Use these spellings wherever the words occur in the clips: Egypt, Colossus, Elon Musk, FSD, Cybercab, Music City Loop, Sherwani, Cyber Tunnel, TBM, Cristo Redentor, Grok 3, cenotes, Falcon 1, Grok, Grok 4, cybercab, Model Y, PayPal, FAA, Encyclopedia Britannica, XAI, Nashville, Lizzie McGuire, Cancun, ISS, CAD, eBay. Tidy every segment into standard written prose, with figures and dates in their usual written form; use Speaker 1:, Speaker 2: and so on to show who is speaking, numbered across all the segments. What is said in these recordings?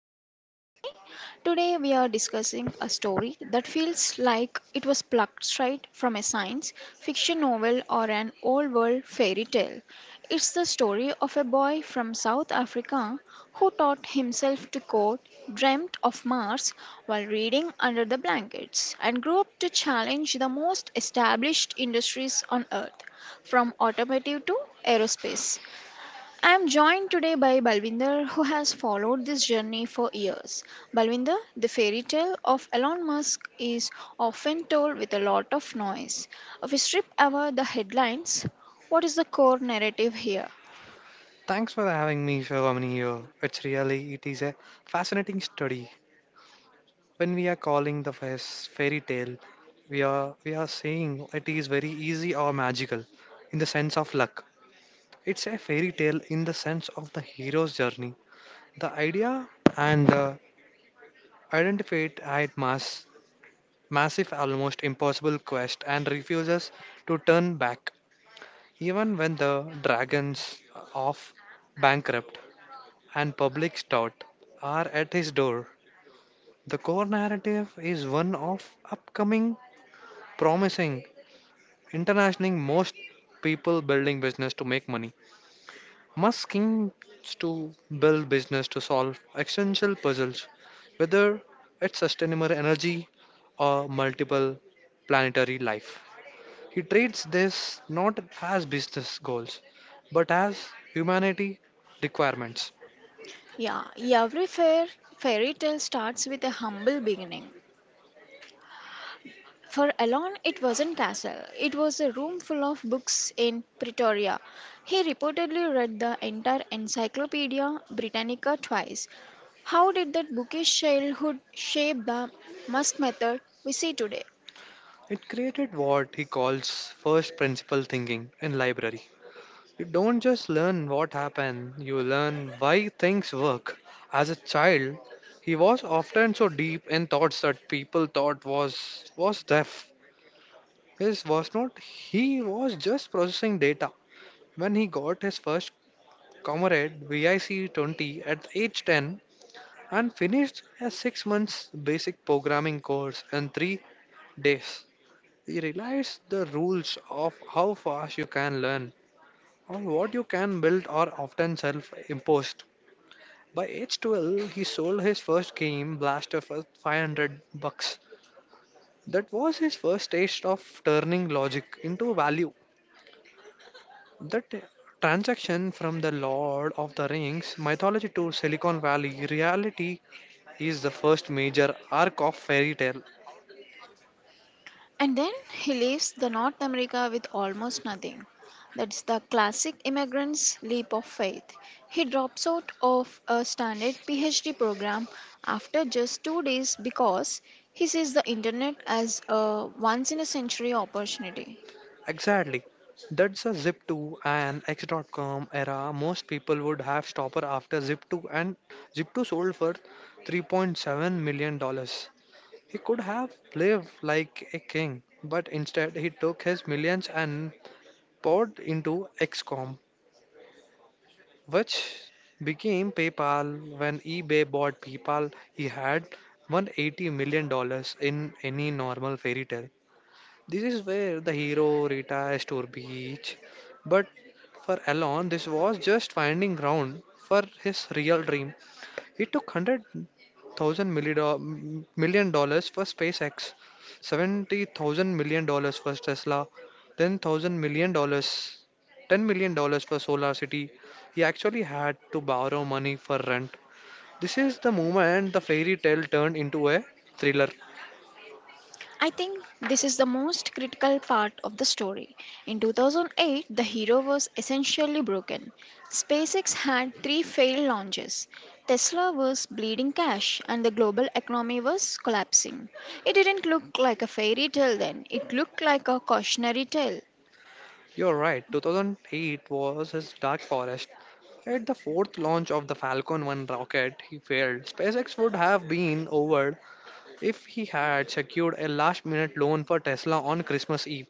Speaker 1: your host Sherwani. Today we are discussing a story that feels like it was plucked straight from a science fiction novel or an old world fairy tale. It's the story of a boy from South Africa who taught himself to code, dreamt of Mars while reading under the blankets, and grew up to challenge the most established industries on Earth, from automotive to aerospace. I am joined today by Balvinder, who has followed this journey for years. Balvinder, the fairy tale of Elon Musk is often told with a lot of noise. If we strip away the headlines, what is the core narrative here?
Speaker 2: Thanks for having me, Shivamani, here. It is a fascinating study. When we are calling the fairs fairy tale, we are saying it is very easy or magical, in the sense of luck. It's a fairy tale in the sense of the hero's journey. The idea and the identified at massive, almost impossible quest, and refuses to turn back, even when the dragons of bankrupt and public stout are at his door. The core narrative is one of upcoming, promising, international most people building business to make money. Musk schemes to build business to solve existential puzzles, whether it's sustainable energy or multiple planetary life. He treats this not as business goals, but as humanity requirements.
Speaker 1: Yeah, every fairy tale starts with a humble beginning. For Alon, it wasn't castle. It was a room full of books in Pretoria. He reportedly read the entire Encyclopedia Britannica twice. How did that bookish childhood shape the Musk method we see today?
Speaker 2: It created what he calls first principle thinking in library. You don't just learn what happened, you learn why things work. As a child, he was often so deep in thoughts that people thought was deaf. His was not. He was just processing data. When he got his first comrade VIC 20 at age 10 and finished a 6 months basic programming course in three days, he realized the rules of how fast you can learn or what you can build are often self imposed. By age 12, he sold his first game, Blaster, for $500. That was his first taste of turning logic into value. That transaction from the Lord of the Rings mythology to Silicon Valley reality is the first major arc of fairy tale.
Speaker 1: And then he leaves the North America with almost nothing. That's the classic immigrant's leap of faith. He drops out of a standard PhD program after just 2 days because he sees the internet as a once in a century opportunity.
Speaker 2: Exactly. That's a Zip2 and X.com era. Most people would have stopper after Zip2 and Zip2 sold for 3.7 million dollars. He could have lived like a king, but instead he took his millions and poured into XCOM, which became PayPal. When eBay bought PayPal, he had 180 million dollars in any normal fairy tale. This is where the hero retires to a beach, but for Elon, this was just finding ground for his real dream. It took million dollars for SpaceX, 70,000 million dollars for Tesla, 10,000 million dollars, 10 million dollars for Solar City. He actually had to borrow money for rent. This is the moment the fairy tale turned into a thriller.
Speaker 1: I think this is the most critical part of the story. In 2008, the hero was essentially broken. SpaceX had three failed launches. Tesla was bleeding cash and the global economy was collapsing. It didn't look like a fairy tale then, it looked like a cautionary tale.
Speaker 2: You're right, 2008 was his dark forest. At the fourth launch of the Falcon 1 rocket, he failed. SpaceX would have been over. If he had secured a last minute loan for Tesla on Christmas Eve,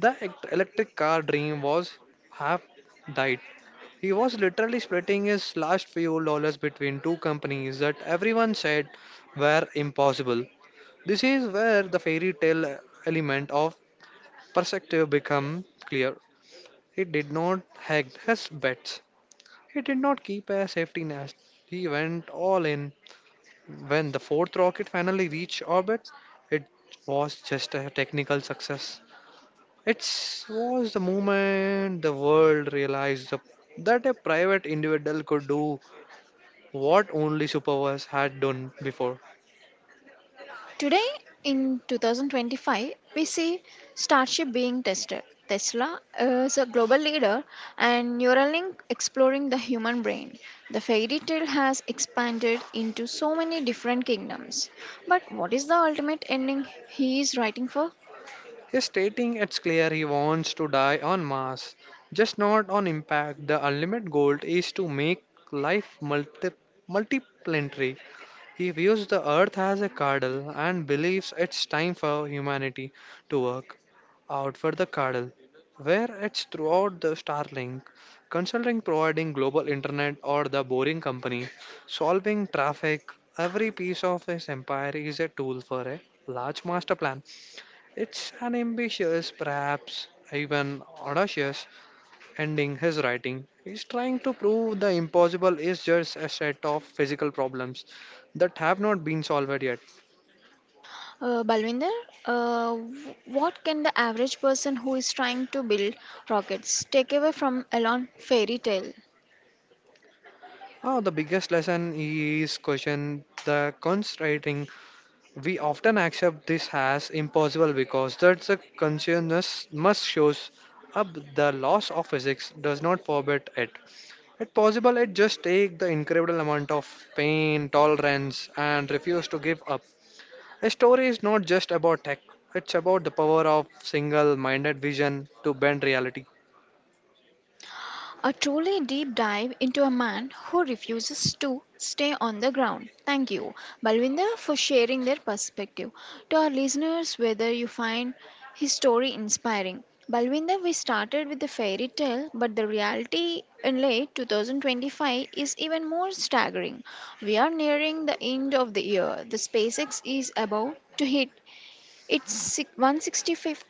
Speaker 2: the electric car dream was half died. He was literally splitting his last few dollars between 2 companies that everyone said were impossible. This is where the fairy tale element of perspective become clear. He did not hedge his bets. He did not keep a safety net. He went all in. When the fourth rocket finally reached orbit, it was just a technical success. It was the moment the world realized that a private individual could do what only superpowers had done before.
Speaker 1: Today in 2025, we see Starship being tested. Tesla is a global leader and Neuralink exploring the human brain. The fairy tale has expanded into so many different kingdoms. But what is the ultimate ending he is writing for?
Speaker 2: He's stating it's clear he wants to die on Mars, just not on impact. The ultimate goal is to make life multiplanetary. He views the earth as a cradle and believes it's time for humanity to work out for the cradle, where it's throughout the Starlink, consulting providing global internet or the boring company, solving traffic. Every piece of his empire is a tool for a large master plan. It's an ambitious, perhaps even audacious, ending his writing. He's trying to prove the impossible is just a set of physical problems that have not been solved yet.
Speaker 1: Balwinder, what can the average person who is trying to build rockets take away from Elon fairy tale?
Speaker 2: Now, the biggest lesson is question the constrainting. We often accept this as impossible because that's the consciousness must shows up the laws of physics does not forbid it. It possible it just take the incredible amount of pain, tolerance and refuse to give up. A story is not just about tech, it's about the power of single minded vision to bend reality.
Speaker 1: A truly deep dive into a man who refuses to stay on the ground. Thank you, Balwinder, for sharing their perspective. To our listeners, whether you find his story inspiring. Balwinder, we started with the fairy tale, but the reality in late 2025 is even more staggering. We are nearing the end of the year. The SpaceX is about to hit its 165th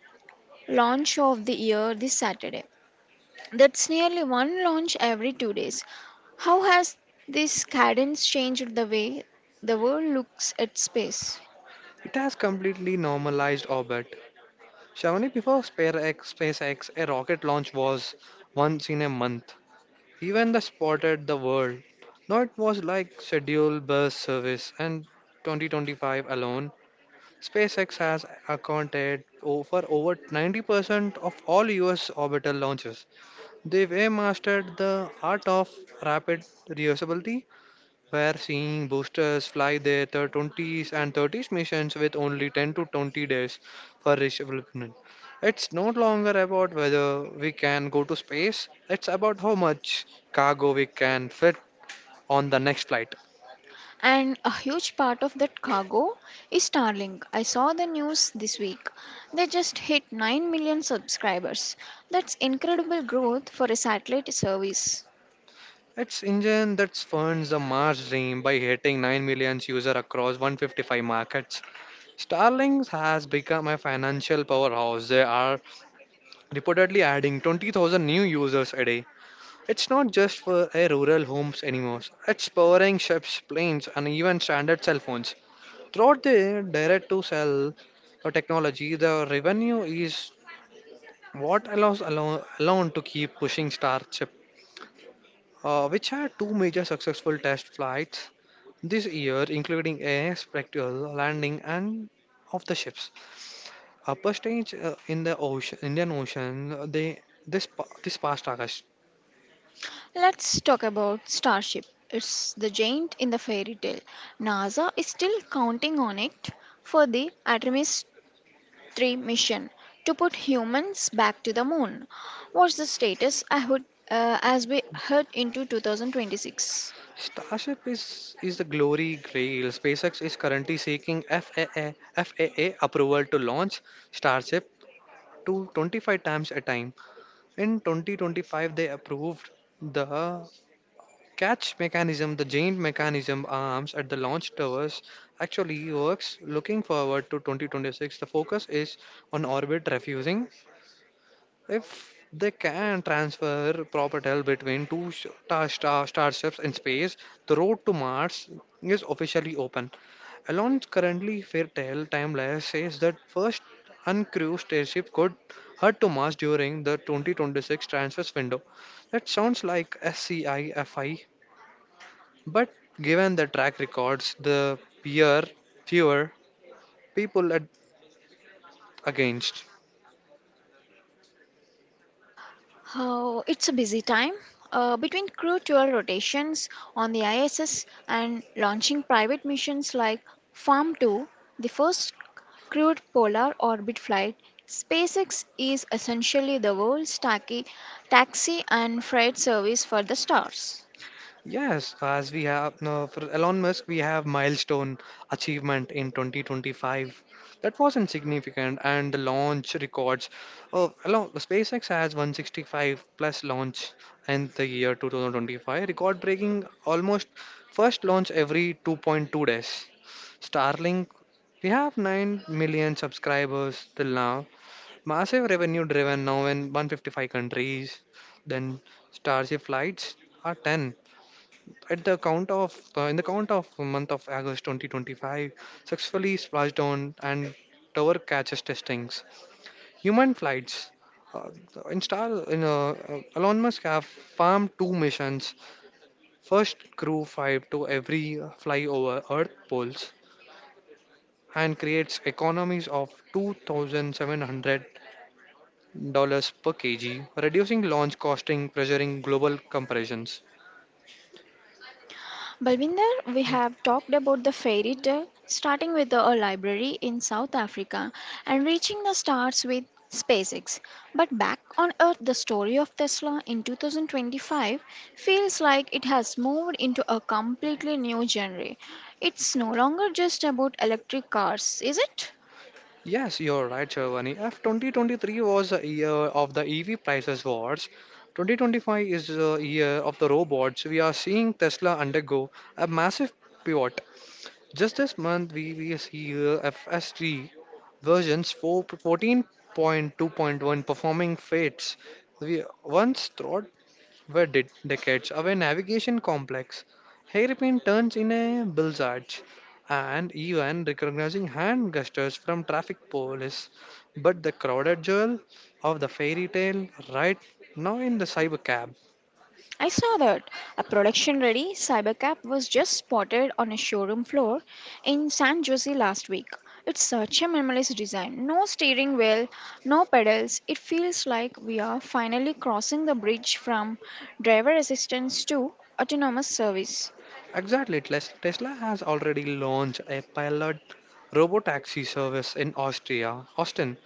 Speaker 1: launch of the year this Saturday. That's nearly one launch every 2 days. How has this cadence changed the way the world looks at space?
Speaker 2: It has completely normalized orbit. Shavani, before SpaceX, a rocket launch was once in a month. Even the spotted the world. Now it was like scheduled bus service and 2025 alone, SpaceX has accounted for over 90% of all US orbital launches. They've mastered the art of rapid reusability. We're seeing boosters fly their 20s and 30s missions with only 10 to 20 days for development. It's no longer about whether we can go to space, it's about how much cargo we can fit on the next flight.
Speaker 1: And a huge part of that cargo is Starlink. I saw the news this week. They just hit 9 million subscribers. That's incredible growth for a satellite service.
Speaker 2: It's engine that funds the Mars dream by hitting 9 million users across 155 markets. Starlink has become a financial powerhouse. They are reportedly adding 20,000 new users a day. It's not just for a rural homes anymore. It's powering ships, planes, and even standard cell phones. Throughout the direct-to-cell technology, the revenue is what allows alone to keep pushing Starship, which had two major successful test flights this year, including a spectral landing and of the ships. Upper stage in the ocean, Indian Ocean, they this past August.
Speaker 1: Let's talk about Starship. It's the giant in the fairy tale. NASA is still counting on it for the Artemis 3 mission to put humans back to the moon. What's the status I would, as we head into 2026?
Speaker 2: Starship is the glory grail. SpaceX is currently seeking FAA approval to launch Starship to 25 times a time. In 2025, they approved the catch mechanism, the giant mechanism arms at the launch towers actually works. Looking forward to 2026, the focus is on orbit refusing if they can transfer propel between starships in space, the road to Mars is officially open. Elon's currently fair tale timeline says that first uncrewed starship could head to Mars during the 2026 transfers window. That sounds like SCIFI, but given the track records, the peer fewer people are against.
Speaker 1: Oh, it's a busy time. Between crew tour rotations on the ISS and launching private missions like Farm 2, the first crewed polar orbit flight, SpaceX is essentially the world's taxi and freight service for the stars.
Speaker 2: Yes, as we have no, for Elon Musk, we have milestone achievement in 2025. That wasn't significant, and the launch records. Oh, Elon, SpaceX has 165 plus launch in the year 2025, record breaking almost first launch every 2.2 days. Starlink, we have 9 million subscribers till now. Massive revenue driven now in 155 countries. Then Starship flights are 10 at the count of in the count of month of August 2025 successfully splashed down and tower catches testings. Human flights. Uh, Elon Musk have farmed 2 missions. First, crew five to every flyover Earth poles and creates economies of $2,700 per kg, reducing launch costing, pressuring global comparisons.
Speaker 1: Balvinder, we have talked about the fairy tale, starting with a library in South Africa and reaching the stars with SpaceX. But back on Earth, the story of Tesla in 2025 feels like it has moved into a completely new genre. It's no longer just about electric cars, is it?
Speaker 2: Yes, you're right, Sharwani. If 2023 was a year of the EV prices wars, 2025 is the year of the robots. We are seeing Tesla undergo a massive pivot. Just this month, we see FSD versions 4, 14.2.1 performing fates. We once thought were decades away navigation complex. Hairpin turns in a blizzard and even recognizing hand gestures from traffic police. But the crowded jewel of the fairy tale right now in the cybercab.
Speaker 1: I saw that a production ready cybercab was just spotted on a showroom floor in San Jose last week. It's such a minimalist design. No steering wheel, no pedals. It feels like we are finally crossing the bridge from driver assistance to autonomous service.
Speaker 2: Exactly, Tesla has already launched a pilot robotaxi service in Austria, Austin,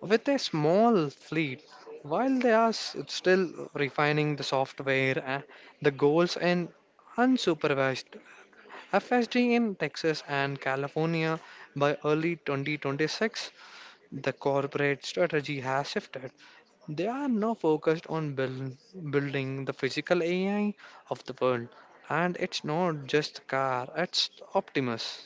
Speaker 2: with a small fleet. While they are still refining the software, the goals and unsupervised FSD in Texas and California by early 2026, the corporate strategy has shifted. They are now focused on building the physical AI of the world. And it's not just the car, it's Optimus.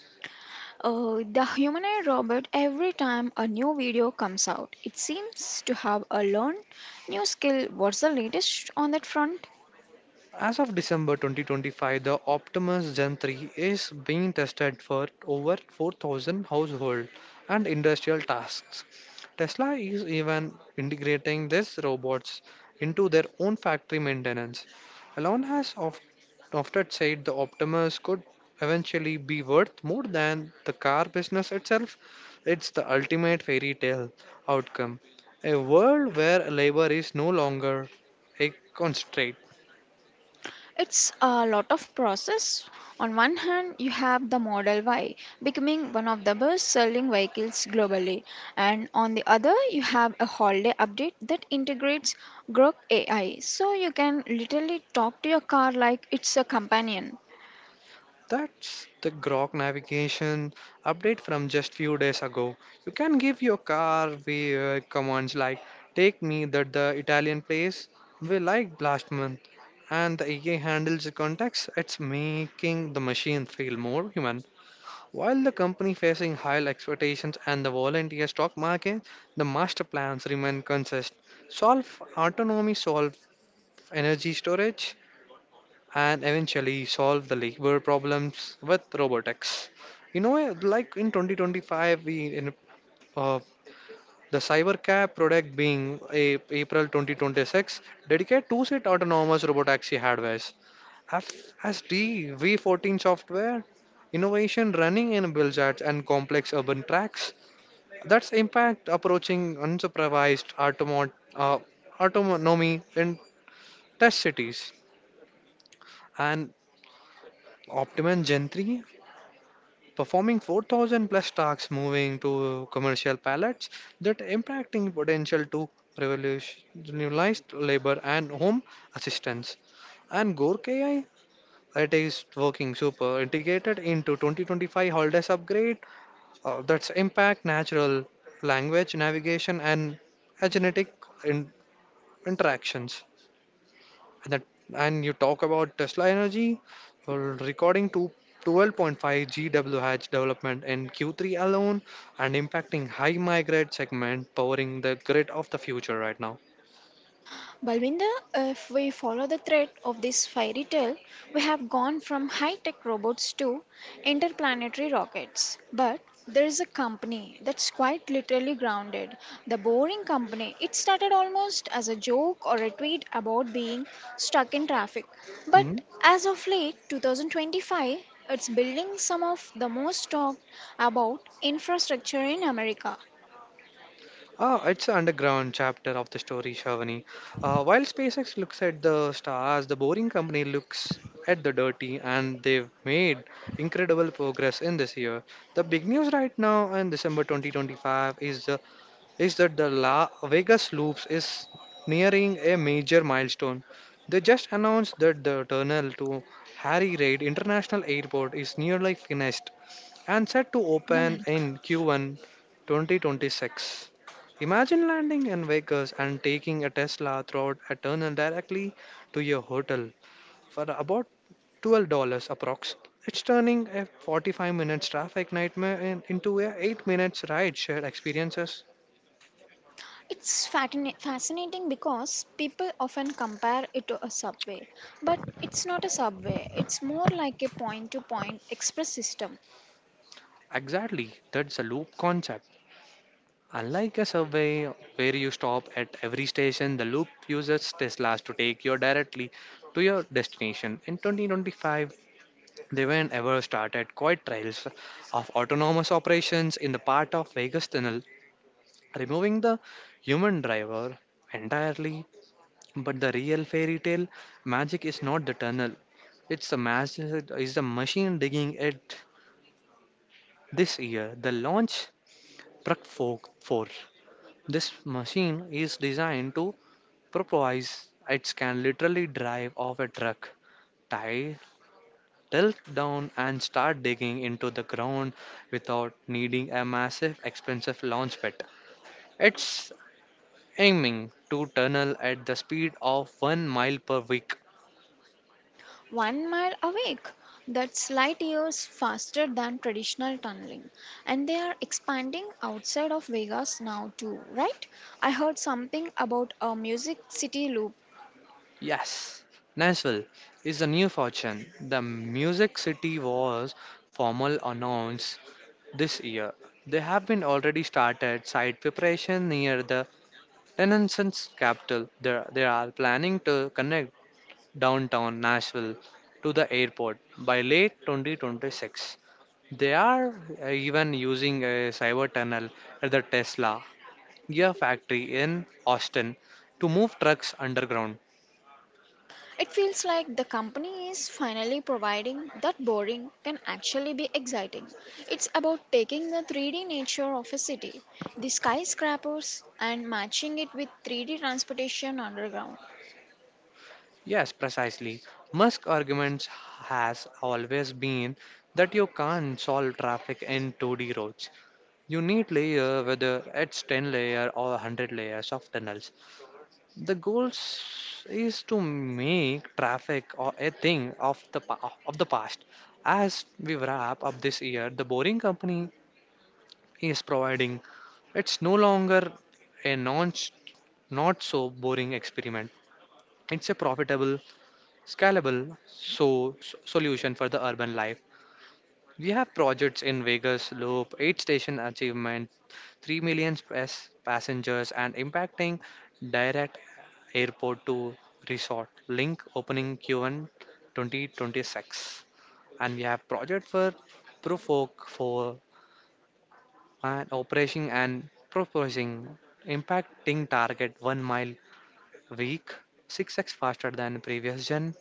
Speaker 1: The humanoid robot, every time a new video comes out, it seems to have a learned new skill. What's the latest on that front?
Speaker 2: As of December 2025, the Optimus Gen 3 is being tested for over 4,000 household and industrial tasks. Tesla is even integrating these robots into their own factory maintenance. Elon has often said the Optimus could eventually be worth more than the car business itself. It's the ultimate fairy tale outcome. A world where labor is no longer a constraint.
Speaker 1: It's a lot of process. On one hand, you have the Model Y becoming one of the best selling vehicles globally, and on the other, you have a holiday update that integrates Grok AI, so you can literally talk to your car like it's a companion.
Speaker 2: That's the Grok navigation update from just few days ago. You can give your car via commands like take me that the Italian place we like last month and the AI handles the contacts. It's making the machine feel more human. While the company facing high expectations and the volunteer stock market, the master plans remain consistent. Solve autonomy, solve energy storage, and eventually solve the labor problems with robotics. You know, like in 2025, we in uh, the Cybercab product being a, April 2026, dedicate two-seat autonomous robotaxi hardwares. FSD V14 software, innovation running in built and complex urban tracks. That's impact approaching unsupervised autonomy in test cities. And Optimum Gen 3. Performing 4,000 plus tasks moving to commercial pallets that impacting potential to revolutionize labor and home assistance and Gork AI it is working super integrated into 2025 holidays upgrade that's impact natural language navigation and genetic in- interactions and that and you talk about Tesla Energy uh, recording to 12.5 GWh development in Q3 alone and impacting high migrate segment powering the grid of the future right now.
Speaker 1: Balvinda, if we follow the thread of this fairy tale, we have gone from high tech robots to interplanetary rockets. But there is a company that's quite literally grounded the boring company. It started almost as a joke or a tweet about being stuck in traffic. But
Speaker 2: Mhm.
Speaker 1: as of late 2025, it's building some of the most talked about infrastructure in America.
Speaker 2: Ah, it's an underground chapter of the story, Shavani. While SpaceX looks at the stars, the Boring Company looks at the dirty, and they've made incredible progress in this year. The big news right now in December 2025 is the is that the La Vegas Loops is nearing a major milestone. They just announced that the tunnel to Harry Reid International Airport is nearly finished and set to open in Q1 2026. Imagine landing in Vegas and taking a Tesla through a tunnel directly to your hotel for about $12 approx. It's turning a 45 minutes traffic nightmare into a 8 minutes ride share experience.
Speaker 1: It's fascinating because people often compare it to a subway, but it's not a subway. It's more like a point-to-point express system.
Speaker 2: Exactly, that's a loop concept. Unlike a survey where you stop at every station, the loop uses Teslas to take you directly to your destination. In 2025, they were ever started quiet trials of autonomous operations in the part of Vegas Tunnel, removing the human driver entirely. But the real fairy tale magic is not the tunnel, is the machine digging it this year. The launch Truck Fork 4. This machine is designed to propose. It can literally drive off a truck, tie, tilt down, and start digging into the ground without needing a massive, expensive launch pad. It's aiming to tunnel at the speed of 1 mile per week.
Speaker 1: 1 mile awake, that's light years faster than traditional tunneling. And they are expanding outside of Vegas now too, right? I heard something about a music city loop.
Speaker 2: Yes, Nashville is a new fortune. The Music City was formal announced this year. They have been already started site preparation near the Renaissance's capital. There, they are planning to connect downtown Nashville to the airport by late 2026. They are even using a cyber tunnel at the Tesla gear factory in Austin to move trucks underground.
Speaker 1: It feels like the company is finally providing that boring can actually be exciting. It's about taking the 3D nature of a city, the skyscrapers, and matching it with 3D transportation underground.
Speaker 2: Yes, precisely. Musk arguments has always been that you can't solve traffic in 2D roads. You need layer, whether it's 10 layer or 100 layers of tunnels. The goal is to make traffic or a thing of the of the past. As we wrap up this year, the Boring Company is providing. It's no longer a non not so boring experiment. It's a profitable, scalable solution for the urban life. We have projects in Vegas Loop, 8 station achievement, 3 million passengers, and impacting direct airport to resort link opening Q1 2026. And we have project for Profolk for and operation and proposing impacting target 1 mile week, 6x faster than previous gen,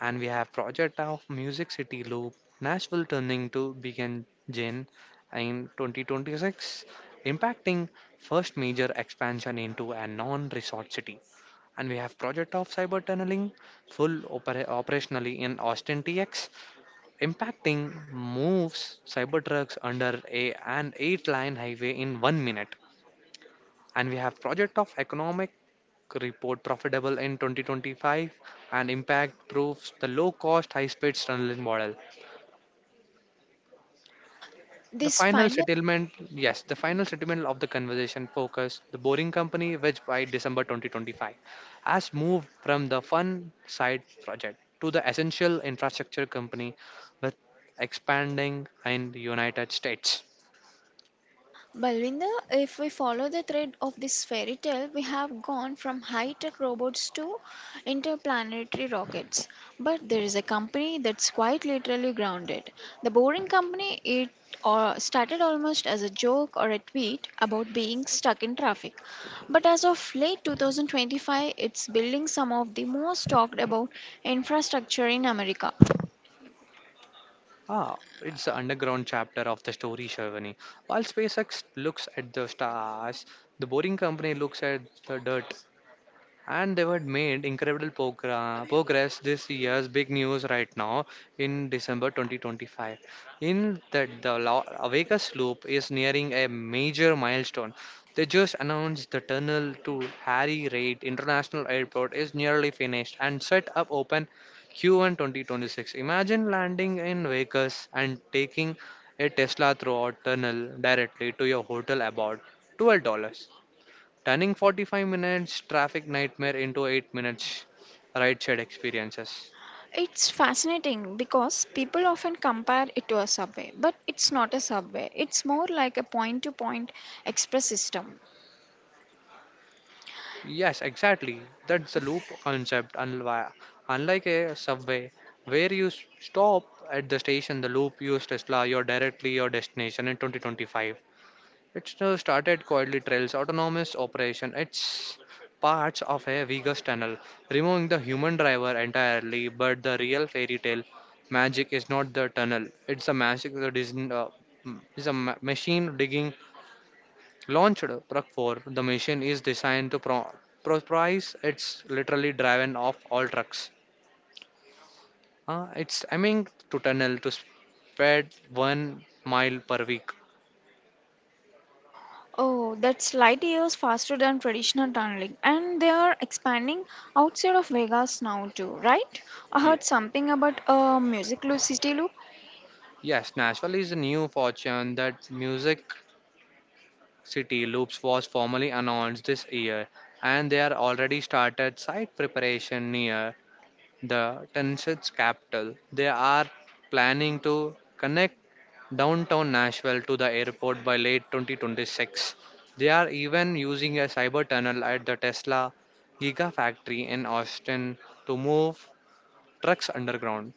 Speaker 2: and we have project of Music City Loop, Nashville turning to begin Jane in 2026, impacting first major expansion into a non-resort city. And we have project of cyber tunneling, full operationally in Austin TX, impacting moves cyber trucks under a an 8-lane highway in 1 minute. And we have project of economic report profitable in 2025, and impact proves the low cost high speed tunneling model. The
Speaker 1: This
Speaker 2: final
Speaker 1: final
Speaker 2: settlement, yes, the final settlement of the conversation focused the boring company, which by December 2025 has moved from the fun side project to the essential infrastructure company with expanding in the United States.
Speaker 1: Balvinda, if we follow the thread of this fairy tale, we have gone from high tech robots to interplanetary rockets. But there is a company that's quite literally grounded. The Boring Company, it started almost as a joke or a tweet about being stuck in traffic. But as of late 2025, it's building some of the most talked about infrastructure in America.
Speaker 2: Ah, it's the underground chapter of the story, Sherwani. While SpaceX looks at the stars, the boring company looks at the dirt, and they had made incredible progress. This year's big news right now in December 2025 in that the Avega slope is nearing a major milestone. They just announced the tunnel to Harry Reid International Airport is nearly finished and set up open Q1 2026. Imagine landing in Vegas and taking a Tesla throughout tunnel directly to your hotel about $12, turning 45 minutes traffic nightmare into 8 minutes ride shared experiences.
Speaker 1: It's fascinating because people often compare it to a subway, but it's not a subway. It's more like a point to point express system.
Speaker 2: Yes, exactly. That's the loop concept. Unlike a subway, where you stop at the station, the loop used Tesla, you're directly your destination in 2025. It's started quietly trails autonomous operation. It's parts of a Vegas tunnel, removing the human driver entirely. But the real fairy tale magic is not the tunnel; it's the magic that is is a machine digging launched truck for. The machine is designed to price. It's literally driven off all trucks. It's aiming to tunnel to spread 1 mile per week.
Speaker 1: Oh, that's light years faster than traditional tunneling, and they are expanding outside of Vegas now, too, right? I heard something about a music loop, city loop.
Speaker 2: Yes, Nashville is a new fortune that Music City Loops was formally announced this year, and they are already started site preparation near the Tennessee's capital. They are planning to connect downtown Nashville to the airport by late 2026. They are even using a cyber tunnel at the Tesla Gigafactory in Austin to move trucks underground.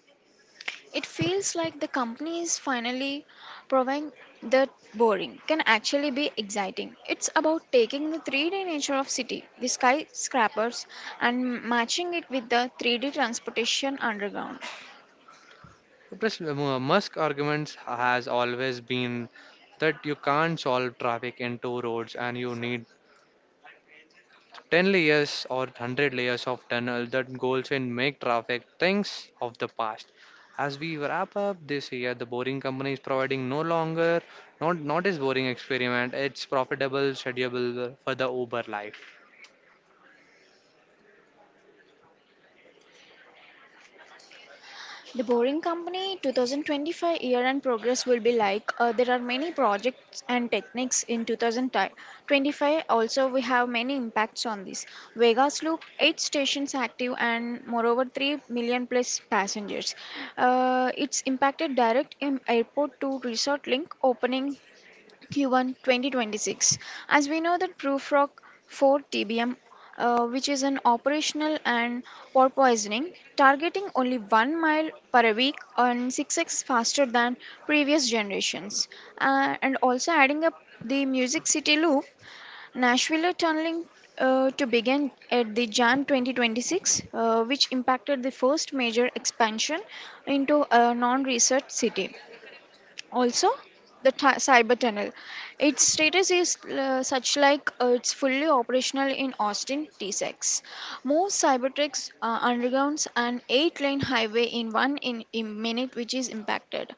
Speaker 1: It feels like the company is finally proving that boring can actually be exciting. It's about taking the 3D nature of city, the skyscrapers, and matching it with the 3D transportation underground.
Speaker 2: Plus, Musk arguments has always been that you can't solve traffic in two roads, and you need 10 layers or 100 layers of tunnel that goes and make traffic things of the past. As we wrap up this year, the Boring Company is providing no longer not is boring experiment. It's profitable, schedule for the Uber life.
Speaker 1: The Boring Company 2025 year end progress will be like there are many projects and techniques in 2025. Also, we have many impacts on this. Vegas Loop, 8 stations active and moreover 3 million plus passengers. It's impacted direct airport to resort link opening Q1 2026. As we know that Prufrock 4 TBM, which is an operational and for poisoning, targeting only 1 mile per week and 6x faster than previous generations. And also adding up the Music City Loop, Nashville tunneling to begin at the Jan 2026, which impacted the first major expansion into a non-research city. Also the cyber tunnel, its status is such like it's fully operational in Austin t6. More cybertrucks undergrounds an 8-lane highway in one in minute, which is impacted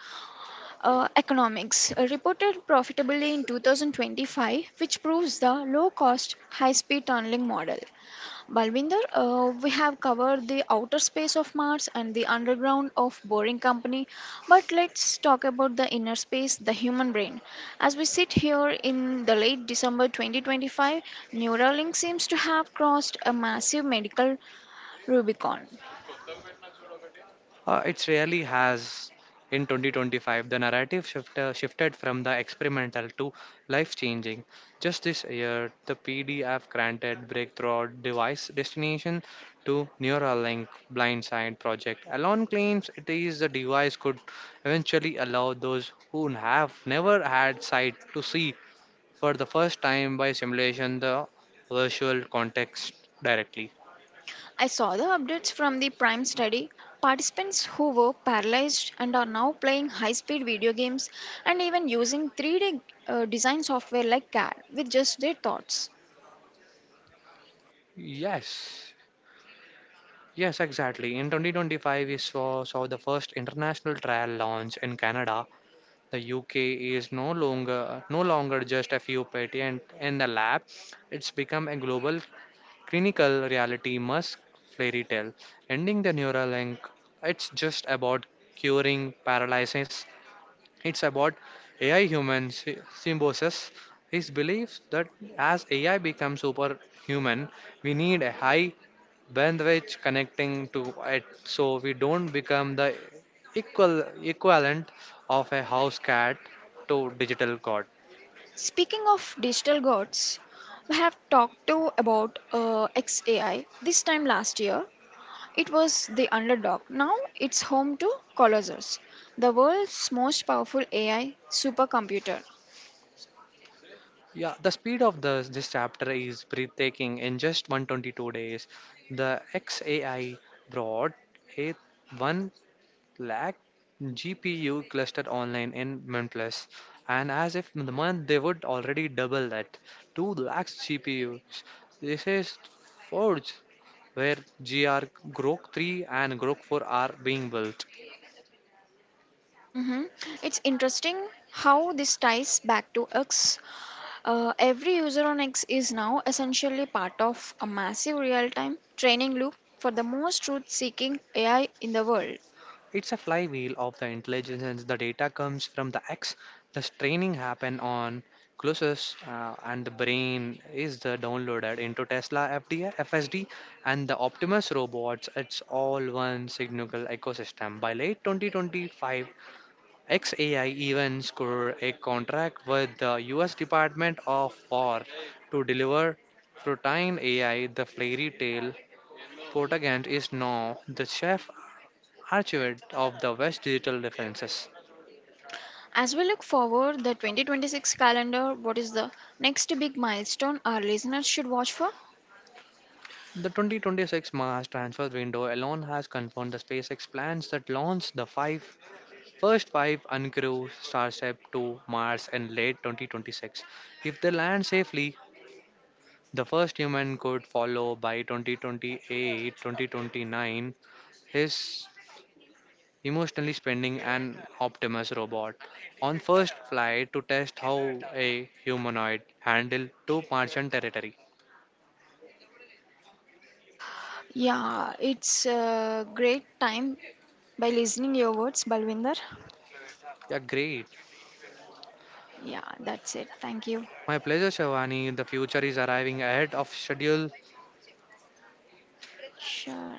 Speaker 1: economics reported profitably in 2025, which proves the low cost high speed tunneling model. Balvinder, we have covered the outer space of Mars and the underground of Boring Company, but let's talk about the inner space, the human brain. As we sit here in the late December 2025, Neuralink seems to have crossed a massive medical Rubicon.
Speaker 2: It really has. In 2025, the narrative shifted from the experimental to life changing. Just this year, the PDF granted breakthrough device destination to Neuralink Blindside project. Alon claims it is the device could eventually allow those who have never had sight to see for the first time by simulation the virtual context directly.
Speaker 1: I saw the updates from the Prime study. Participants who were paralyzed and are now playing high speed video games and even using 3D design software like CAD with just their thoughts.
Speaker 2: Yes, Yes, exactly. In 2025, we saw the first international trial launch in Canada. The UK is no longer just a few patent in the lab. It's become a global clinical reality Musk fairy tale. Ending the Neuralink, it's just about curing paralysis, it's about AI human symbiosis. His belief that as AI becomes superhuman, we need a high bandwidth connecting to it, so we don't become the equal equivalent of a house cat to digital god.
Speaker 1: Speaking of digital gods, we have talked to about XAI this time last year. It was the underdog. Now it's home to Colossus, the world's most powerful AI supercomputer.
Speaker 2: Yeah, the speed of this chapter is breathtaking. In just 122 days, the XAI brought a lakh GPU clustered online in Mintless, and as if in the month they would already double that 2 lakhs GPUs. This is Forge, where GR Grok 3 and Grok 4 are being built.
Speaker 1: Mhm. It's interesting how this ties back to X. Every user on X is now essentially part of a massive real time training loop for the most truth seeking AI in the world.
Speaker 2: It's a flywheel of the intelligence. The data comes from the X. The training happen on Colossus, and the brain is the downloaded into Tesla FDA, and the Optimus robots. It's all one single ecosystem. By late 2025, XAI even scored a contract with the U.S. Department of War to deliver Protein AI. The fairy tale Portagant is now the chief archivist of the West Digital Defenses.
Speaker 1: As we look forward the 2026 calendar, what is the next big milestone our listeners should watch for?
Speaker 2: The 2026 Mars transfer window alone has confirmed the SpaceX plans that launch the first five uncrewed Starship to Mars in late 2026. If they land safely, the first human could follow by 2028-2029. His emotionally spending an Optimus robot on first flight to test how a humanoid handle to Martian territory.
Speaker 1: Yeah, it's a great time by listening your words, Balwinder.
Speaker 2: Yeah, great.
Speaker 1: Yeah, that's it. Thank you.
Speaker 2: My pleasure, Shivani. The future is arriving ahead of schedule.
Speaker 1: Sure.